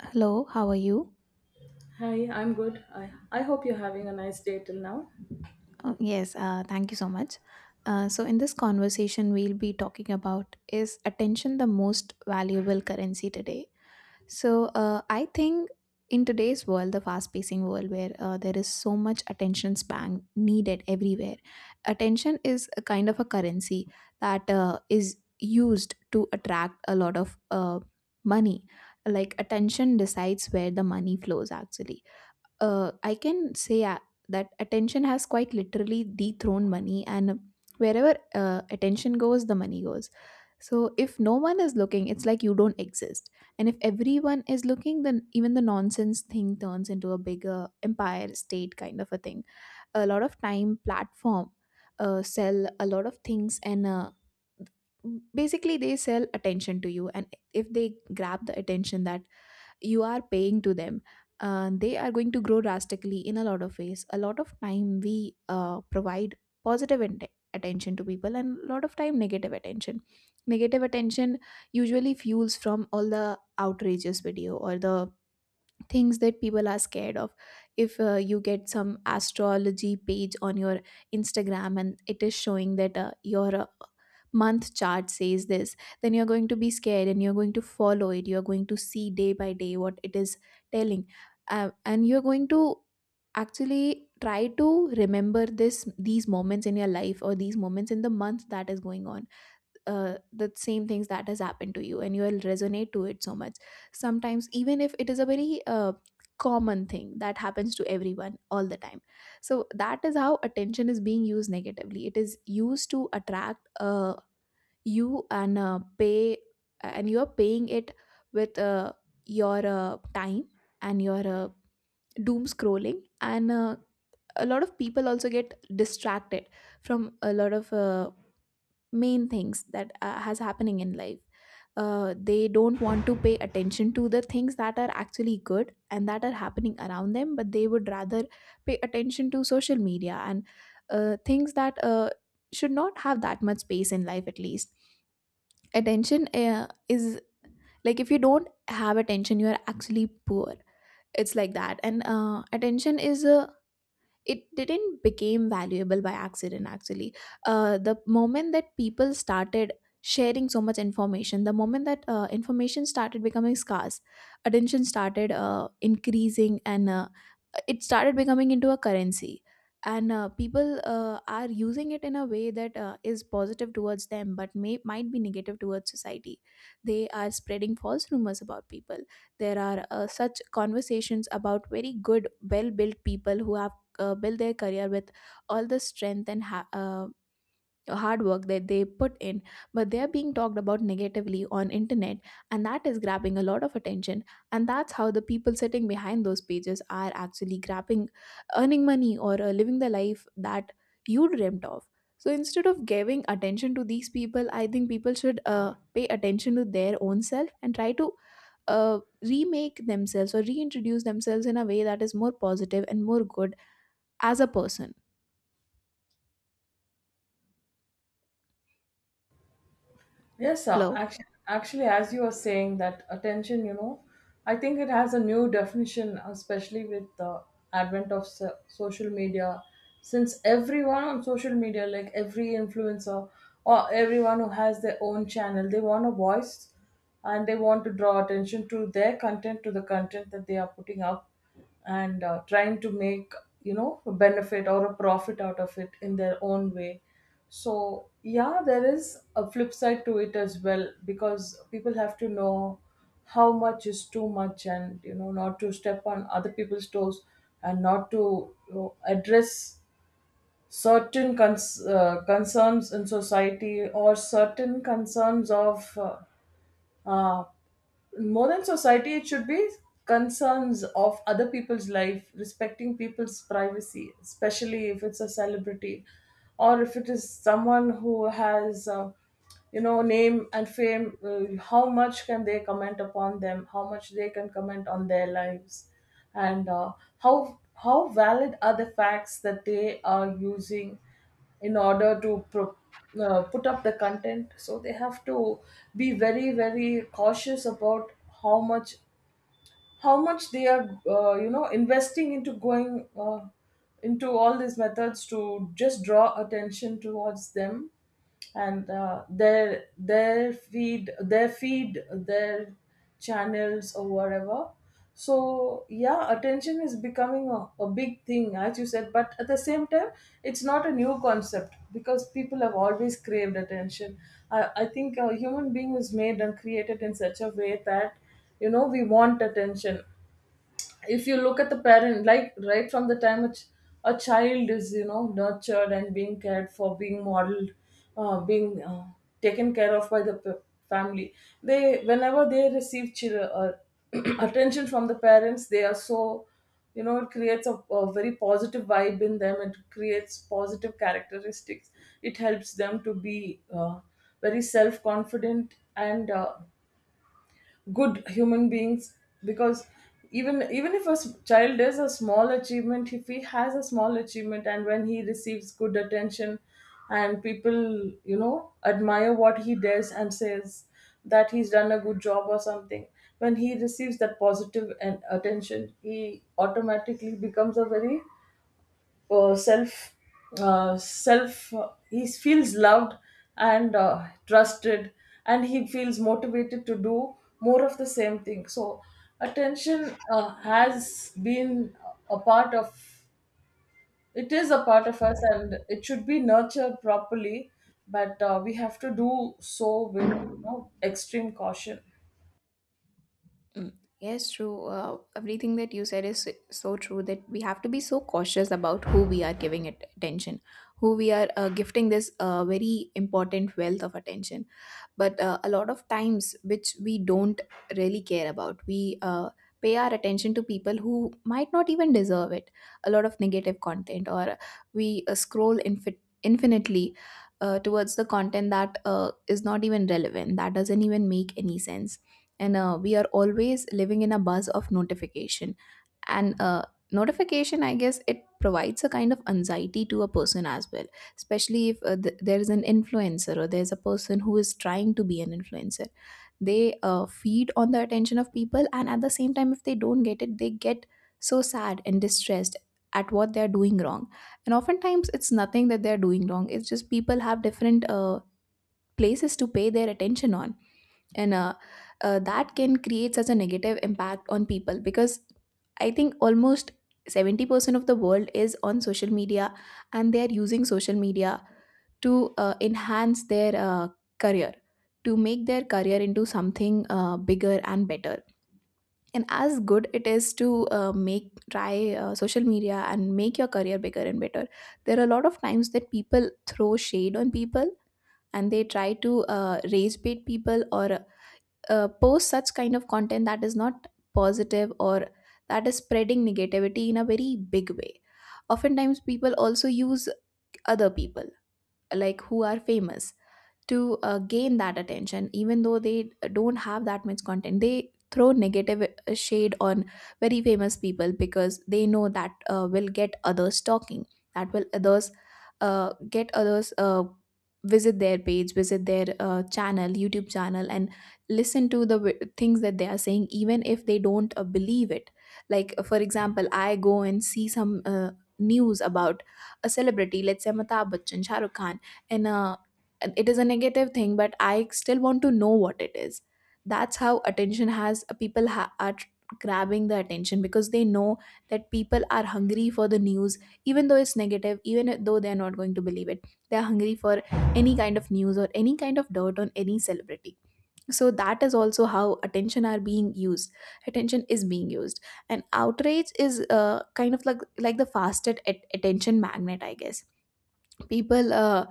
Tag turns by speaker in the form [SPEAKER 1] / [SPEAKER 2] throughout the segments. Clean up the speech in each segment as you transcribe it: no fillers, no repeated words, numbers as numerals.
[SPEAKER 1] Hello, how are you?
[SPEAKER 2] Hi, I'm good. I hope you're having a nice day till now.
[SPEAKER 1] Yes, thank you so much. In this conversation, we'll be talking about, is attention the most valuable currency today? So, I think in today's world, the fast pacing world where there is so much attention span needed everywhere, attention is a kind of a currency that is used to attract a lot of money. Like, attention decides where the money flows actually. I can say that attention has quite literally dethroned money, and wherever attention goes, the money goes. So if no one is looking, it's like you don't exist. And if everyone is looking, then even the nonsense thing turns into a bigger empire state kind of a thing. A lot of time platform sell a lot of things, and basically they sell attention to you, and if they grab the attention that you are paying to them, they are going to grow drastically in a lot of ways. A lot of time we provide positive int- attention to people, and a lot of time negative attention, negative attention usually fuels from all the outrageous video or the things that people are scared of. If you get some astrology page on your Instagram and it is showing that your month chart says this, then you're going to be scared, and you're going to follow it, you're going to see day by day what it is telling. And you're going to actually try to remember this these moments in your life or these moments in the month that is going on. The same things that has happened to you, and you will resonate to it so much, sometimes even if it is a very common thing that happens to everyone all the time. So that is how attention is being used negatively. It is used to attract you and pay, and you are paying it with your time and your doom scrolling, and a lot of people also get distracted from a lot of main things that has happening in life. They don't want to pay attention to the things that are actually good and that are happening around them, but they would rather pay attention to social media and things that should not have that much space in life, at least. Attention is, like, if you don't have attention, you are actually poor. It's like that. And attention is a, it didn't became valuable by accident actually. The moment that people started sharing so much information, the moment that information started becoming scarce, attention started increasing, and it started becoming into a currency. And people are using it in a way that is positive towards them, but may might be negative towards society. They are spreading false rumors about people. There are such conversations about very good well built people who have build their career with all the strength and hard work that they put in, but they are being talked about negatively on internet, and that is grabbing a lot of attention. And that's how the people sitting behind those pages are actually grabbing, earning money or living the life that you dreamt of. So instead of giving attention to these people, I think people should pay attention to their own self and try to remake themselves or reintroduce themselves in a way that is more positive and more good as a person.
[SPEAKER 2] Yes, sir.
[SPEAKER 1] Hello.
[SPEAKER 2] Actually, as you were saying that attention, you know, I think it has a new definition, especially with the advent of social media. Since everyone on social media, like every influencer or everyone who has their own channel, they want a voice, and they want to draw attention to their content, to the content that they are putting up, and trying to, make you know, a benefit or a profit out of it in their own way. So yeah, there is a flip side to it as well, because people have to know how much is too much, and, you know, not to step on other people's toes, and not to, you know, address certain concerns in society, or certain concerns of uh, more than society. It should be concerns of other people's life, respecting people's privacy, especially if it's a celebrity, or if it is someone who has, you know, name and fame. How much can they comment upon them? How much they can comment on their lives? And how valid are the facts that they are using in order to put up the content? So they have to be very, very cautious about how much, how much they are, you know, investing into going into all these methods to just draw attention towards them, and their feed, their channels, or whatever. So yeah, attention is becoming a big thing, as you said, but at the same time, it's not a new concept, because people have always craved attention. I think a human being is made and created in such a way that, you know, we want attention. If you look at the parent, like, right from the time it's a child, is, you know, nurtured and being cared for, being modeled, being taken care of by the family, they, whenever they receive attention from the parents, they are so, you know, it creates a very positive vibe in them. It creates positive characteristics. It helps them to be very self confident and good human beings. Because even if a child is a small achievement, if he has a small achievement and when he receives good attention, and people, you know, admire what he does and says, that he's done a good job or something, when he receives that positive and attention, he automatically becomes a very, self self he feels loved and trusted, and he feels motivated to do more of the same thing. So attention has been a part of, it is a part of us, and it should be nurtured properly. But we have to do so with, you know, extreme caution.
[SPEAKER 1] Mm. Yes, true. Everything that you said is so true, that we have to be so cautious about who we are giving it attention, who we are gifting this very important wealth of attention. But a lot of times, which we don't really care about, we pay our attention to people who might not even deserve it, a lot of negative content. Or we scroll infinitely towards the content that is not even relevant, that doesn't even make any sense. And we are always living in a buzz of notification, and notification, I guess it provides a kind of anxiety to a person as well, especially if there is an influencer or there's a person who is trying to be an influencer. They feed on the attention of people, and at the same time if they don't get it, they get so sad and distressed at what they're doing wrong. And oftentimes it's nothing that they're doing wrong, it's just people have different places to pay their attention on. And that can create such a negative impact on people because I think almost 70% of the world is on social media, and they are using social media to enhance their career, to make their career into something bigger and better. And as good it is to make try social media and make your career bigger and better, there are a lot of times that people throw shade on people, and they try to raise bait people or post such kind of content that is not positive, or that is spreading negativity in a very big way. Oftentimes people also use other people, like who are famous, to gain that attention. Even though they don't have that much content, they throw negative shade on very famous people because they know that will get others talking, that will others get others visit their page, visit their channel, YouTube channel, and listen to the things that they are saying, even if they don't believe it. Like for example, I go and see some news about a celebrity, let's say Amitabh Bachchan, Shahrukh Khan, and it is a negative thing, but I still want to know what it is. That's how attention has, people grabbing the attention, because they know that people are hungry for the news, even though it's negative, even though they're not going to believe it. They're hungry for any kind of news or any kind of dirt on any celebrity. So that is also how attention are being used, attention is being used. And outrage is kind of like the fastest attention magnet, I guess. people uh,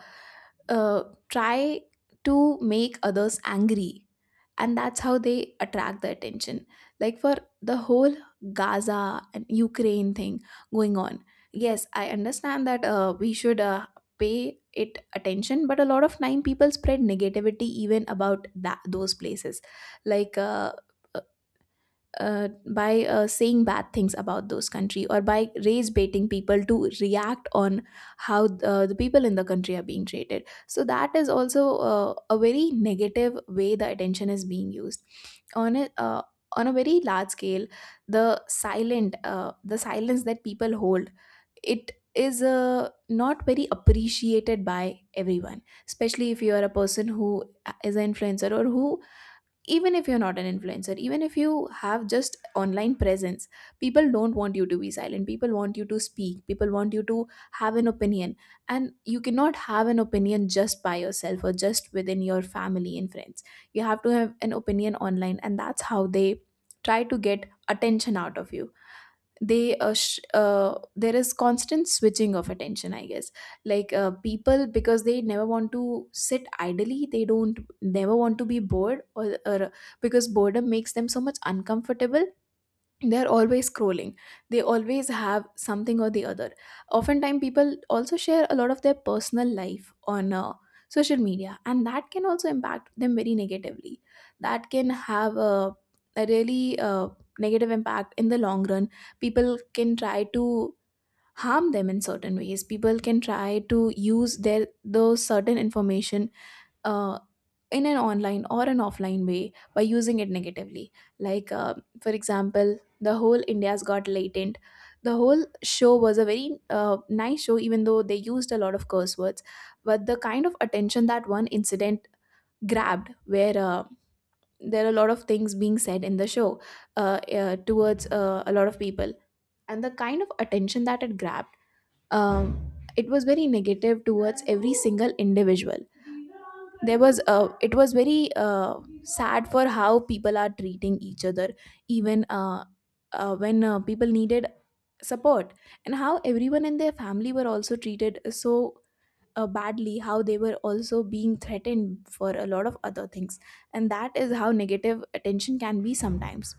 [SPEAKER 1] uh, try to make others angry, and that's how they attract the attention. Like, for the whole Gaza and Ukraine thing going on, yes I understand that we should pay it attention, but a lot of time people spread negativity even about that, those places. Like uh, uh, by uh, saying bad things about those country or by race baiting people to react on how the people in the country are being treated. So that is also a very negative way the attention is being used, on a uh, on a very large scale. The silent the silence that people hold, it is not very appreciated by everyone, especially if you are a person who is an influencer, or who, even if you're not an influencer, even if you have just online presence. People don't want you to be silent, people want you to speak, people want you to have an opinion. And you cannot have an opinion just by yourself or just within your family and friends, you have to have an opinion online, and that's how they try to get attention out of you. There is constant switching of attention, I guess. Like people, because they never want to sit idly, they don't never want to be bored, or because boredom makes them so much uncomfortable, they're always scrolling, they always have something or the other. Oftentimes people also share a lot of their personal life on social media, and that can also impact them very negatively. That can have a really negative impact in the long run. People can try to harm them in certain ways, people can try to use their those certain information uh, in an online or an offline way, by using it negatively. Like, for example, the whole India's Got Latent. The whole show was a very nice show, even though they used a lot of curse words. But the kind of attention that one incident grabbed, where there are a lot of things being said in the show towards a lot of people, and the kind of attention that it grabbed, um, it was very negative towards every single individual. There was it was very sad for how people are treating each other, even when people needed support, and how everyone in their family were also treated so badly, how they were also being threatened for a lot of other things. And that is how negative attention can be sometimes.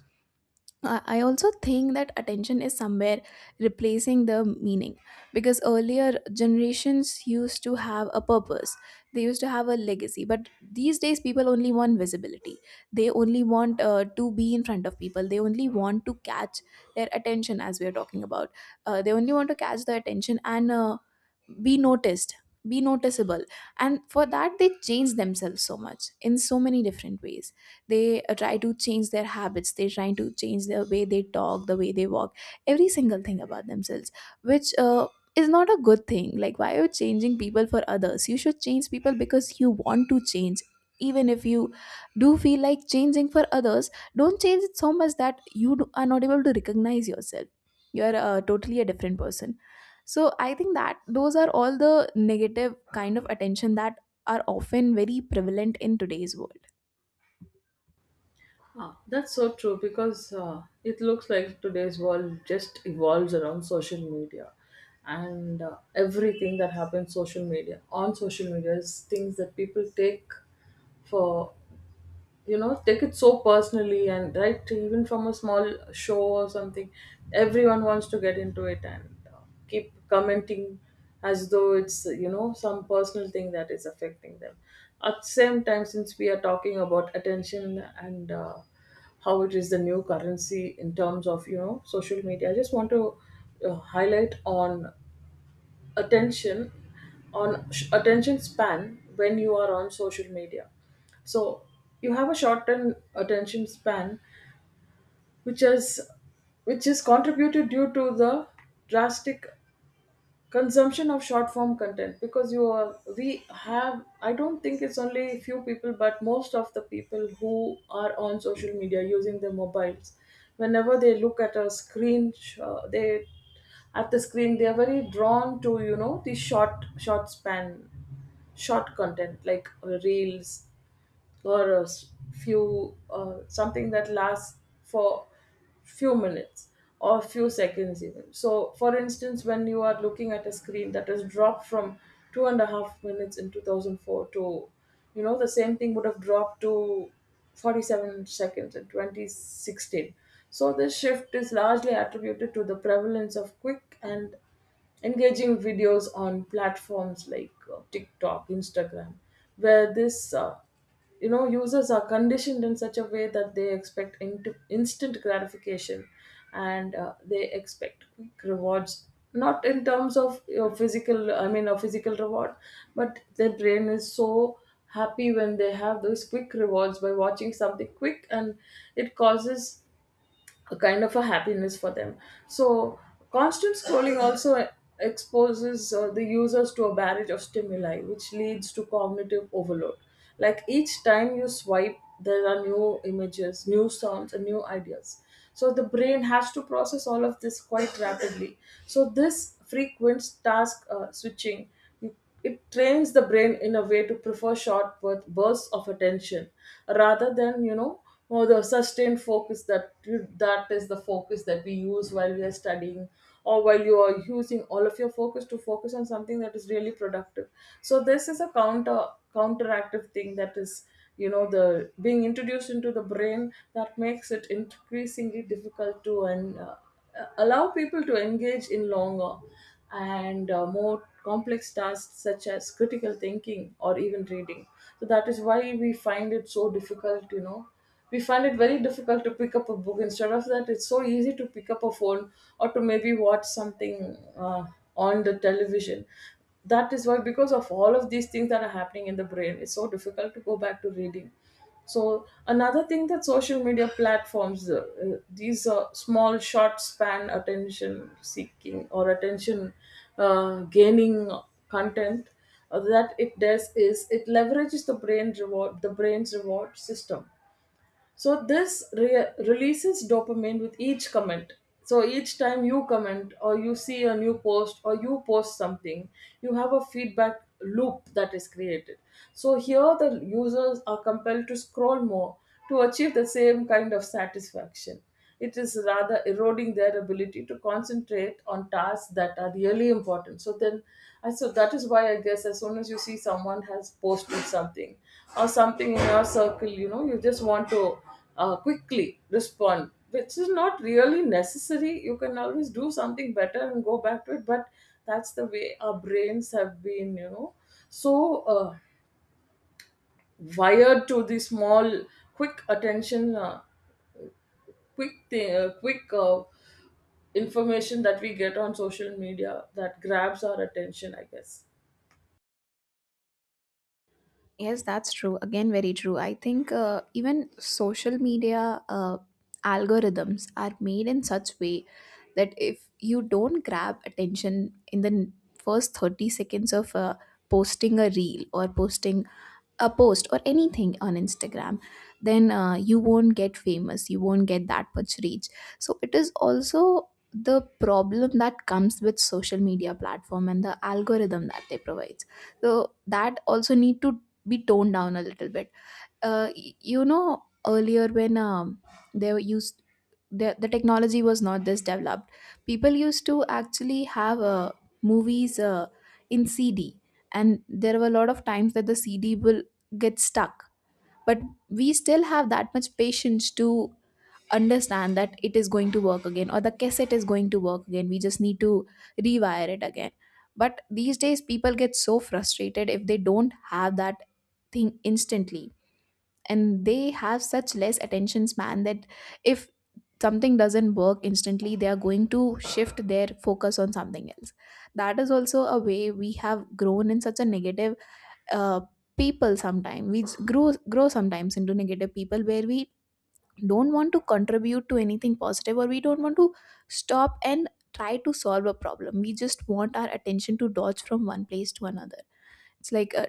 [SPEAKER 1] I also think that attention is somewhere replacing the meaning, because earlier generations used to have a purpose. They used to have a legacy. But these days, people only want visibility. They only want to be in front of people. They only want to catch their attention, as we are talking about. They only want to catch the attention and be noticed, be noticeable. And for that, they change themselves so much in so many different ways. They try to change their habits, they try to change the way they talk, the way they walk, every single thing about themselves, which is not a good thing. Like, why are you changing people for others? You should change people because you want to change. Even if you do feel like changing for others, don't change it so much that are not able to recognize yourself. You're totally a different person. So I think that those are all the negative kind of attention that are often very prevalent in today's world.
[SPEAKER 2] Ah, that's so true, because it looks like today's world just evolves around social media, and everything that happens social media, on social media, is things that people take, for, you know, take it so personally. And right, even from a small show or something, everyone wants to get into it and keep commenting, as though it's, you know, some personal thing that is affecting them. At the same time, since we are talking about attention and how it is the new currency in terms of, you know, social media, I just want to highlight on attention, on attention span when you are on social media. So you have a shortened attention span, which is which is contributed due to the drastic consumption of short form content, because you are, we have, I don't think it's only few people, but most of the people who are on social media using their mobiles, whenever they look at a screen, they at the screen, they are very drawn to, you know, the short span, short content like reels, or a few, something that lasts for few minutes or few seconds even. So for instance, when you are looking at a screen that has dropped from 2.5 minutes in 2004 to, you know, the same thing would have dropped to 47 seconds in 2016. So this shift is largely attributed to the prevalence of quick and engaging videos on platforms like TikTok, Instagram, where this, you know, users are conditioned in such a way that they expect instant gratification, and they expect quick rewards, not in terms of your physical, I mean, a physical reward, but their brain is so happy when they have those quick rewards by watching something quick, and it causes a kind of a happiness for them. So constant scrolling also exposes the users to a barrage of stimuli, which leads to cognitive overload. Like, each time you swipe, there are new images, new sounds, and new ideas. So the brain has to process all of this quite rapidly. So this frequent task, switching, it trains the brain in a way to prefer short bursts of attention rather than, you know, more, the sustained focus, that is the focus that we use while we are studying, or while you are using all of your focus to focus on something that is really productive. So this is a counteractive thing that is, you know, the being introduced into the brain, that makes it increasingly difficult to, and allow people to engage in longer and more complex tasks, such as critical thinking or even reading. So that is why we find it so difficult, you know. We find it very difficult to pick up a book. Instead of that, it's so easy to pick up a phone, or to maybe watch something on the television. That is why, because of all of these things that are happening in the brain, it's so difficult to go back to reading. So another thing that social media platforms, these small short span attention seeking or attention gaining content that it does, is it leverages the brain reward, the brain's reward system. So this releases dopamine with each comment. So each time you comment or you see a new post or you post something, you have a feedback loop that is created. So here the users are compelled to scroll more to achieve the same kind of satisfaction. It is rather eroding their ability to concentrate on tasks that are really important. So then, I so that is why I guess, as soon as you see someone has posted something, or something in your circle, you know, you just want to quickly respond, which is not really necessary. You can always do something better and go back to it. But that's the way our brains have been, you know. So wired to the small, quick attention, quick thing, quick, information that we get on social media, that grabs our attention, I guess.
[SPEAKER 1] Yes, that's true. Again, very true. I think even social media algorithms are made in such way that if you don't grab attention in the first 30 seconds of posting a reel or posting a post or anything on Instagram, then you won't get famous. You won't get that much reach. So it is also the problem that comes with social media platform and the algorithm that they provide, so that also need to be toned down a little bit. You know, earlier when they were used, the technology was not this developed. People used to actually have movies in CD, and there were a lot of times that the CD will get stuck. But we still have that much patience to understand that it is going to work again, or the cassette is going to work again. We just need to rewire it again. But these days, people get so frustrated if they don't have that thing instantly, and they have such less attention span that if something doesn't work instantly, they are going to shift their focus on something else. That is also a way we have grown in such a negative uh, people sometimes. We grow sometimes into negative people, where we don't want to contribute to anything positive, or we don't want to stop and try to solve a problem. We just want our attention to dodge from one place to another. It's like a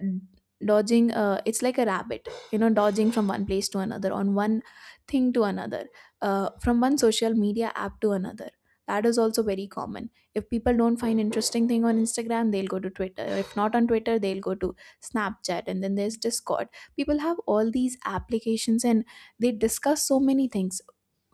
[SPEAKER 1] dodging it's like a rabbit, you know, dodging from one place to another, on one thing to another, from one social media app to another. That is also very common. If people don't find interesting thing on Instagram, they'll go to Twitter. If not on Twitter, they'll go to Snapchat, and then there's Discord. People have all these applications and they discuss so many things,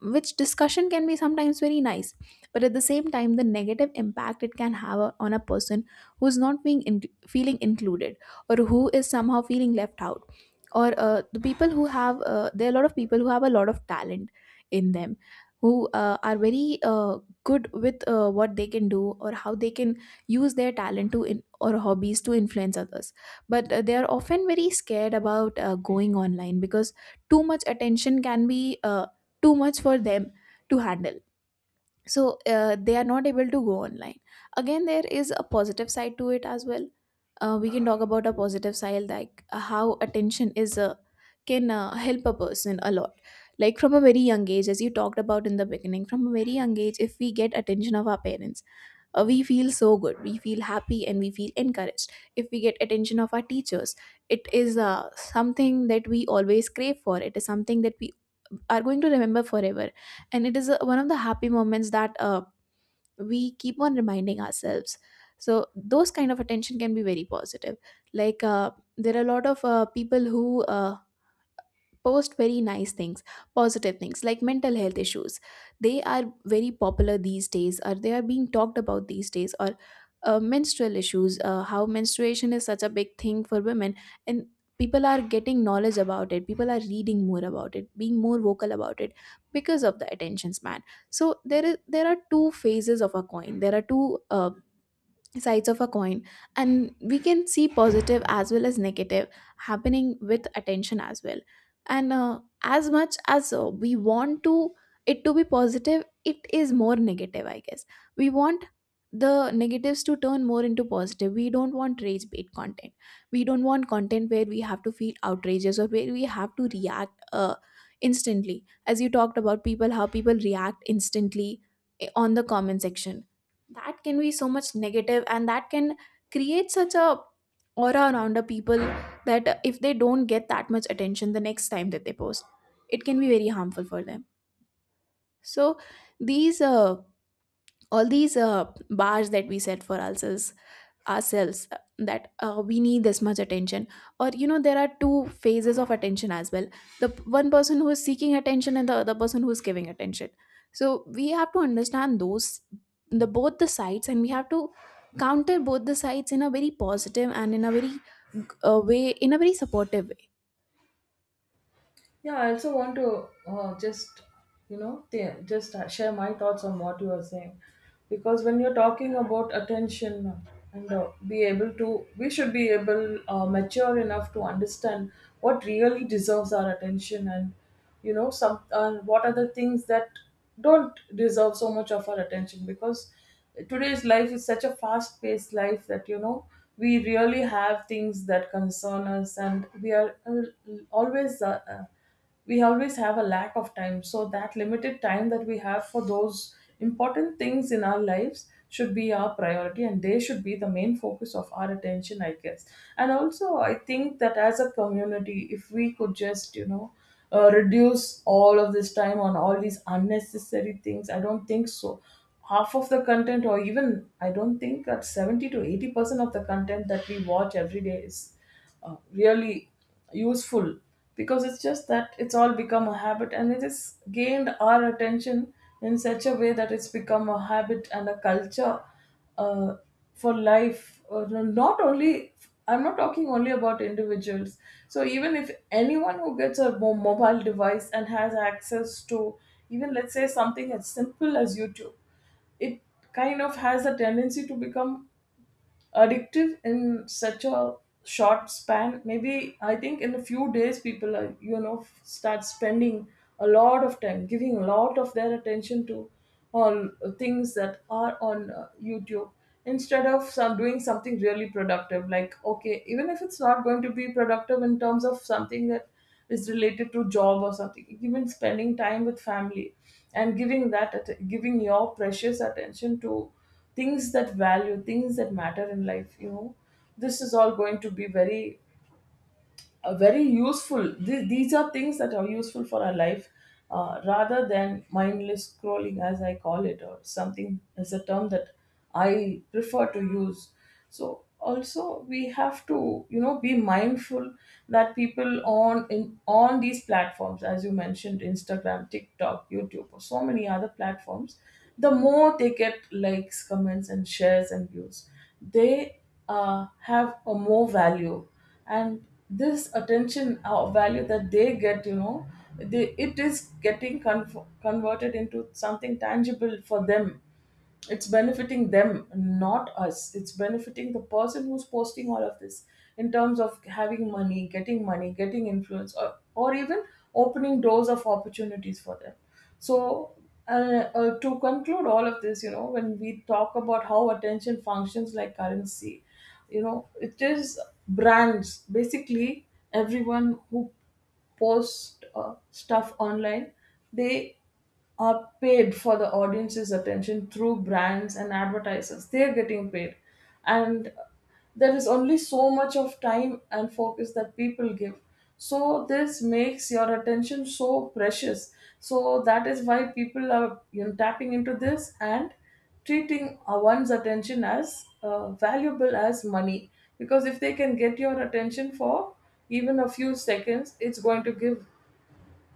[SPEAKER 1] which discussion can be sometimes very nice. But at the same time, the negative impact it can have on a person who is not being in- feeling included, or who is somehow feeling left out, or there are a lot of people who have a lot of talent in them, who are very good with what they can do or how they can use their talent or hobbies to influence others. But they are often very scared about going online because too much attention can be too much for them to handle, so they are not able to go online. Again, there is a positive side to it as well. We can talk about a positive side, like how attention is a can help a person a lot. Like, from a very young age, as you talked about in the beginning, from a very young age, if we get attention of our parents, we feel so good, we feel happy, and we feel encouraged. If we get attention of our teachers, it is something that we always crave for, it is something that we are going to remember forever, and it is one of the happy moments that we keep on reminding ourselves. So those kind of attention can be very positive. Like, there are a lot of people who post very nice things, positive things, like mental health issues. They are very popular these days, or they are being talked about these days, or menstrual issues. How menstruation is such a big thing for women, and people are getting knowledge about it, people are reading more about it, being more vocal about it, because of the attention span. So there are two phases of a coin, there are two sides of a coin, and we can see positive as well as negative happening with attention as well. And as much as we want to it to be positive, it is more negative, I guess. We want the negatives to turn more into positive. We don't want rage bait content. We don't want content where we have to feel outrageous, or where we have to react instantly, as you talked about, people how people react instantly, on the comment section. That can be so much negative, and that can create such a aura around the people, that if they don't get that much attention the next time that they post, it can be very harmful for them. So these all these bars that we set for ourselves, that we need this much attention. Or, you know, there are two phases of attention as well: one person who is seeking attention, and the other person who is giving attention. So we have to understand those the both the sides, and we have to counter both the sides in a very positive and in a very way, in a very supportive way.
[SPEAKER 2] Yeah, I also want to just, you know, just share my thoughts on what you are saying. Because when you're talking about attention and be able to, we should be able, mature enough to understand what really deserves our attention, and, you know, some, what are the things that don't deserve so much of our attention. Because today's life is such a fast paced life that, you know, we really have things that concern us, and we are always, we always have a lack of time. So that limited time that we have for those important things in our lives should be our priority, and they should be the main focus of our attention, I guess. And also, I think that as a community, if we could just, you know, reduce all of this time on all these unnecessary things. I don't think so half of the content, or even, I don't think that 70 to 80% of the content that we watch every day is really useful, because it's just that it's all become a habit, and it has gained our attention in such a way that it's become a habit and a culture, uh, for life. No, not only, I'm not talking only about individuals. So even if anyone who gets a mobile device and has access to, even, let's say, something as simple as YouTube, it kind of has a tendency to become addictive in such a short span. Maybe I think in a few days, people are, you know, start spending a lot of time giving a lot of their attention to all things that are on YouTube, instead of some doing something really productive, like, okay, even if it's not going to be productive in terms of something that is related to job or something, even spending time with family and giving that giving your precious attention to things that value, things that matter in life. You know, this is all going to be very, very useful. These are things that are useful for our life, rather than mindless scrolling, as I call it, or something, is a term that I prefer to use. So also we have to, you know, be mindful that people on, in on these platforms, as you mentioned, Instagram, TikTok, YouTube, or so many other platforms, the more they get likes, comments, and shares, and views, they have a more value. And this attention value that they get, you know, it is getting converted into something tangible for them. It's benefiting them, not us. It's benefiting the person who's posting all of this, in terms of having money, getting money, getting influence, or even opening doors of opportunities for them. So to conclude all of this, you know, when we talk about how attention functions like currency, you know, it is brands, basically. Everyone who post stuff online, they are paid for the audience's attention through brands and advertisers. They're getting paid. And there is only so much of time and focus that people give. So this makes your attention so precious. So that is why people are, you know, tapping into this and treating one's attention as valuable as money. Because if they can get your attention for even a few seconds, it's going to give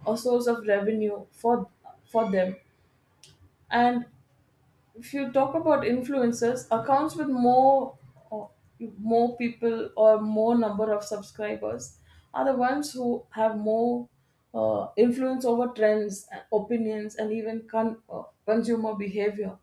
[SPEAKER 2] a source of revenue for them. And if you talk about influencers accounts with uh, more people, or more number of subscribers, are the ones who have more influence over trends, opinions, and even consumer behavior.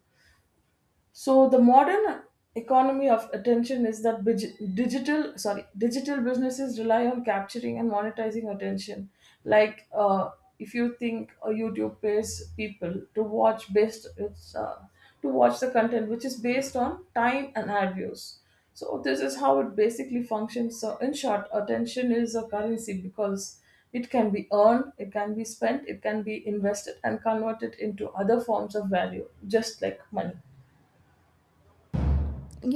[SPEAKER 2] So the modern economy of attention is that digital, sorry, digital businesses rely on capturing and monetizing attention, like, if you think, YouTube pays people to watch, based, it's, to watch the content, which is based on time and ad views. So this is how it basically functions. So in short, attention is a currency, because it can be earned, it can be spent, it can be invested, and converted into other forms of value, just like money.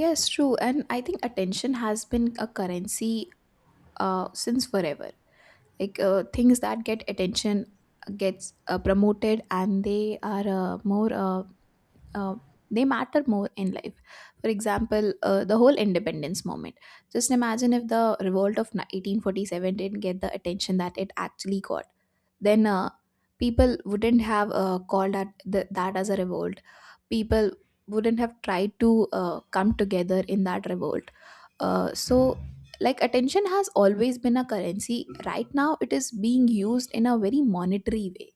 [SPEAKER 1] Yes, true. And I think attention has been a currency since forever. Like, things that get attention gets promoted, and they are more uh, they matter more in life. For example, the whole independence moment. Just imagine if the revolt of 1847 didn't get the attention that it actually got. Then people wouldn't have called at that as a revolt. People wouldn't have tried to come together in that revolt. So, like, attention has always been a currency. Right now, it is being used in a very monetary way,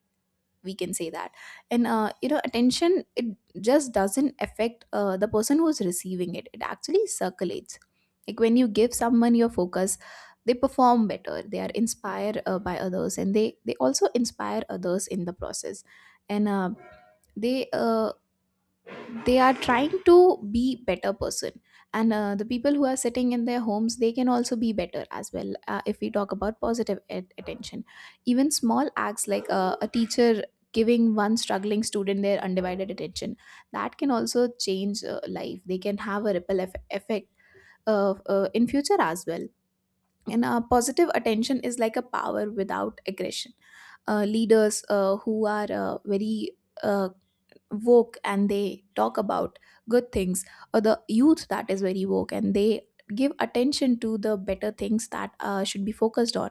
[SPEAKER 1] we can say that. And you know, attention, it just doesn't affect the person who's receiving it, it actually circulates. Like, when you give someone your focus, they perform better, they are inspired by others, and they also inspire others in the process. And they uh, they are trying to be better person. And the people who are sitting in their homes, they can also be better as well, if we talk about positive attention. Even small acts, like a teacher giving one struggling student their undivided attention, that can also change life. They can have a ripple effect in future as well. And positive attention is like a power without aggression. Leaders who are very uh, woke and they talk about good things, or the youth that is very woke and they give attention to the better things that should be focused on,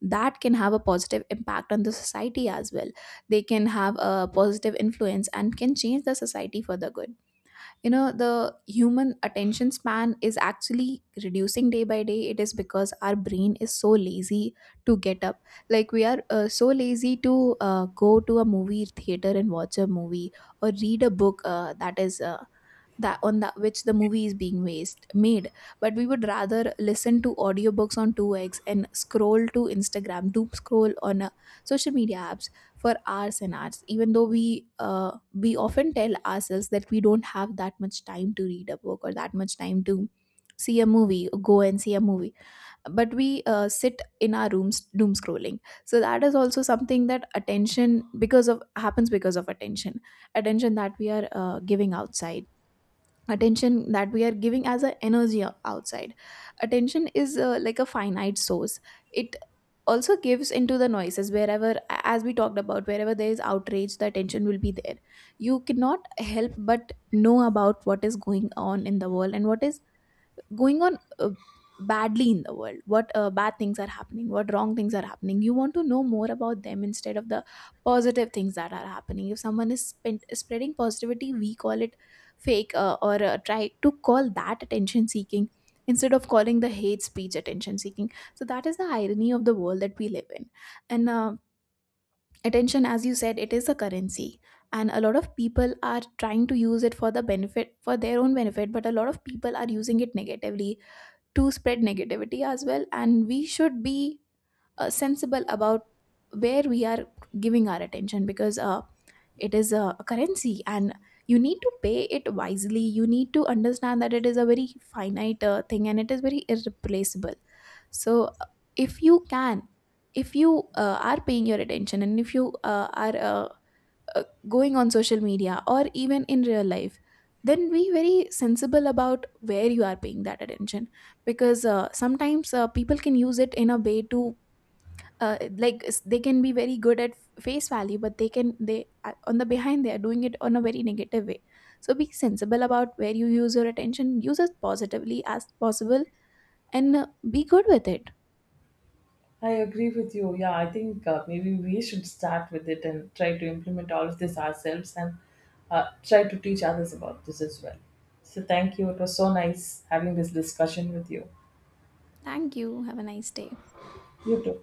[SPEAKER 1] that can have a positive impact on the society as well. They can have a positive influence and can change the society for the good. You know, the human attention span is actually reducing day by day. It is because our brain is so lazy to get up. Like, we are so lazy to go to a movie theater and watch a movie, or read a book that is that on that which the movie is being made. But we would rather listen to audiobooks on 2x and scroll to Instagram, doom scroll on social media apps for hours and hours, even though we often tell ourselves that we don't have that much time to read a book, or that much time to see a movie go and see a movie. But we sit in our rooms doom scrolling. So that is also something that attention because of happens because of attention. Attention that we are giving outside, attention that we are giving as a energy outside. Attention is like a finite source. It also gives into the noises wherever, as we talked about, wherever there is outrage, the attention will be there. You cannot help but know about what is going on in the world, and what is going on badly in the world, what bad things are happening, what wrong things are happening. You want to know more about them, instead of the positive things that are happening. If someone is spreading positivity, we call it fake, or try to call that attention seeking, instead of calling the hate speech attention seeking. So that is the irony of the world that we live in. And attention, as you said, it is a currency. And a lot of people are trying to use it for their own benefit, but a lot of people are using it negatively, to spread negativity as well. And we should be sensible about where we are giving our attention, because it is a currency, and you need to pay it wisely. You need to understand that it is a very finite thing, and it is very irreplaceable. So if you can, if you are paying your attention, and if you are going on social media or even in real life, then be very sensible about where you are paying that attention. Because sometimes people can use it in a way to they can be very good at face value, but they can they on the behind they are doing it on a very negative way. So be sensible about where you use your attention, use it positively as possible, and be good with it.
[SPEAKER 2] I agree with you. Yeah, I think, maybe we should start with it and try to implement all of this ourselves, and try to teach others about this as well. So, thank you. It was so nice having this discussion with you.
[SPEAKER 1] Thank you, have a nice day.
[SPEAKER 2] You too.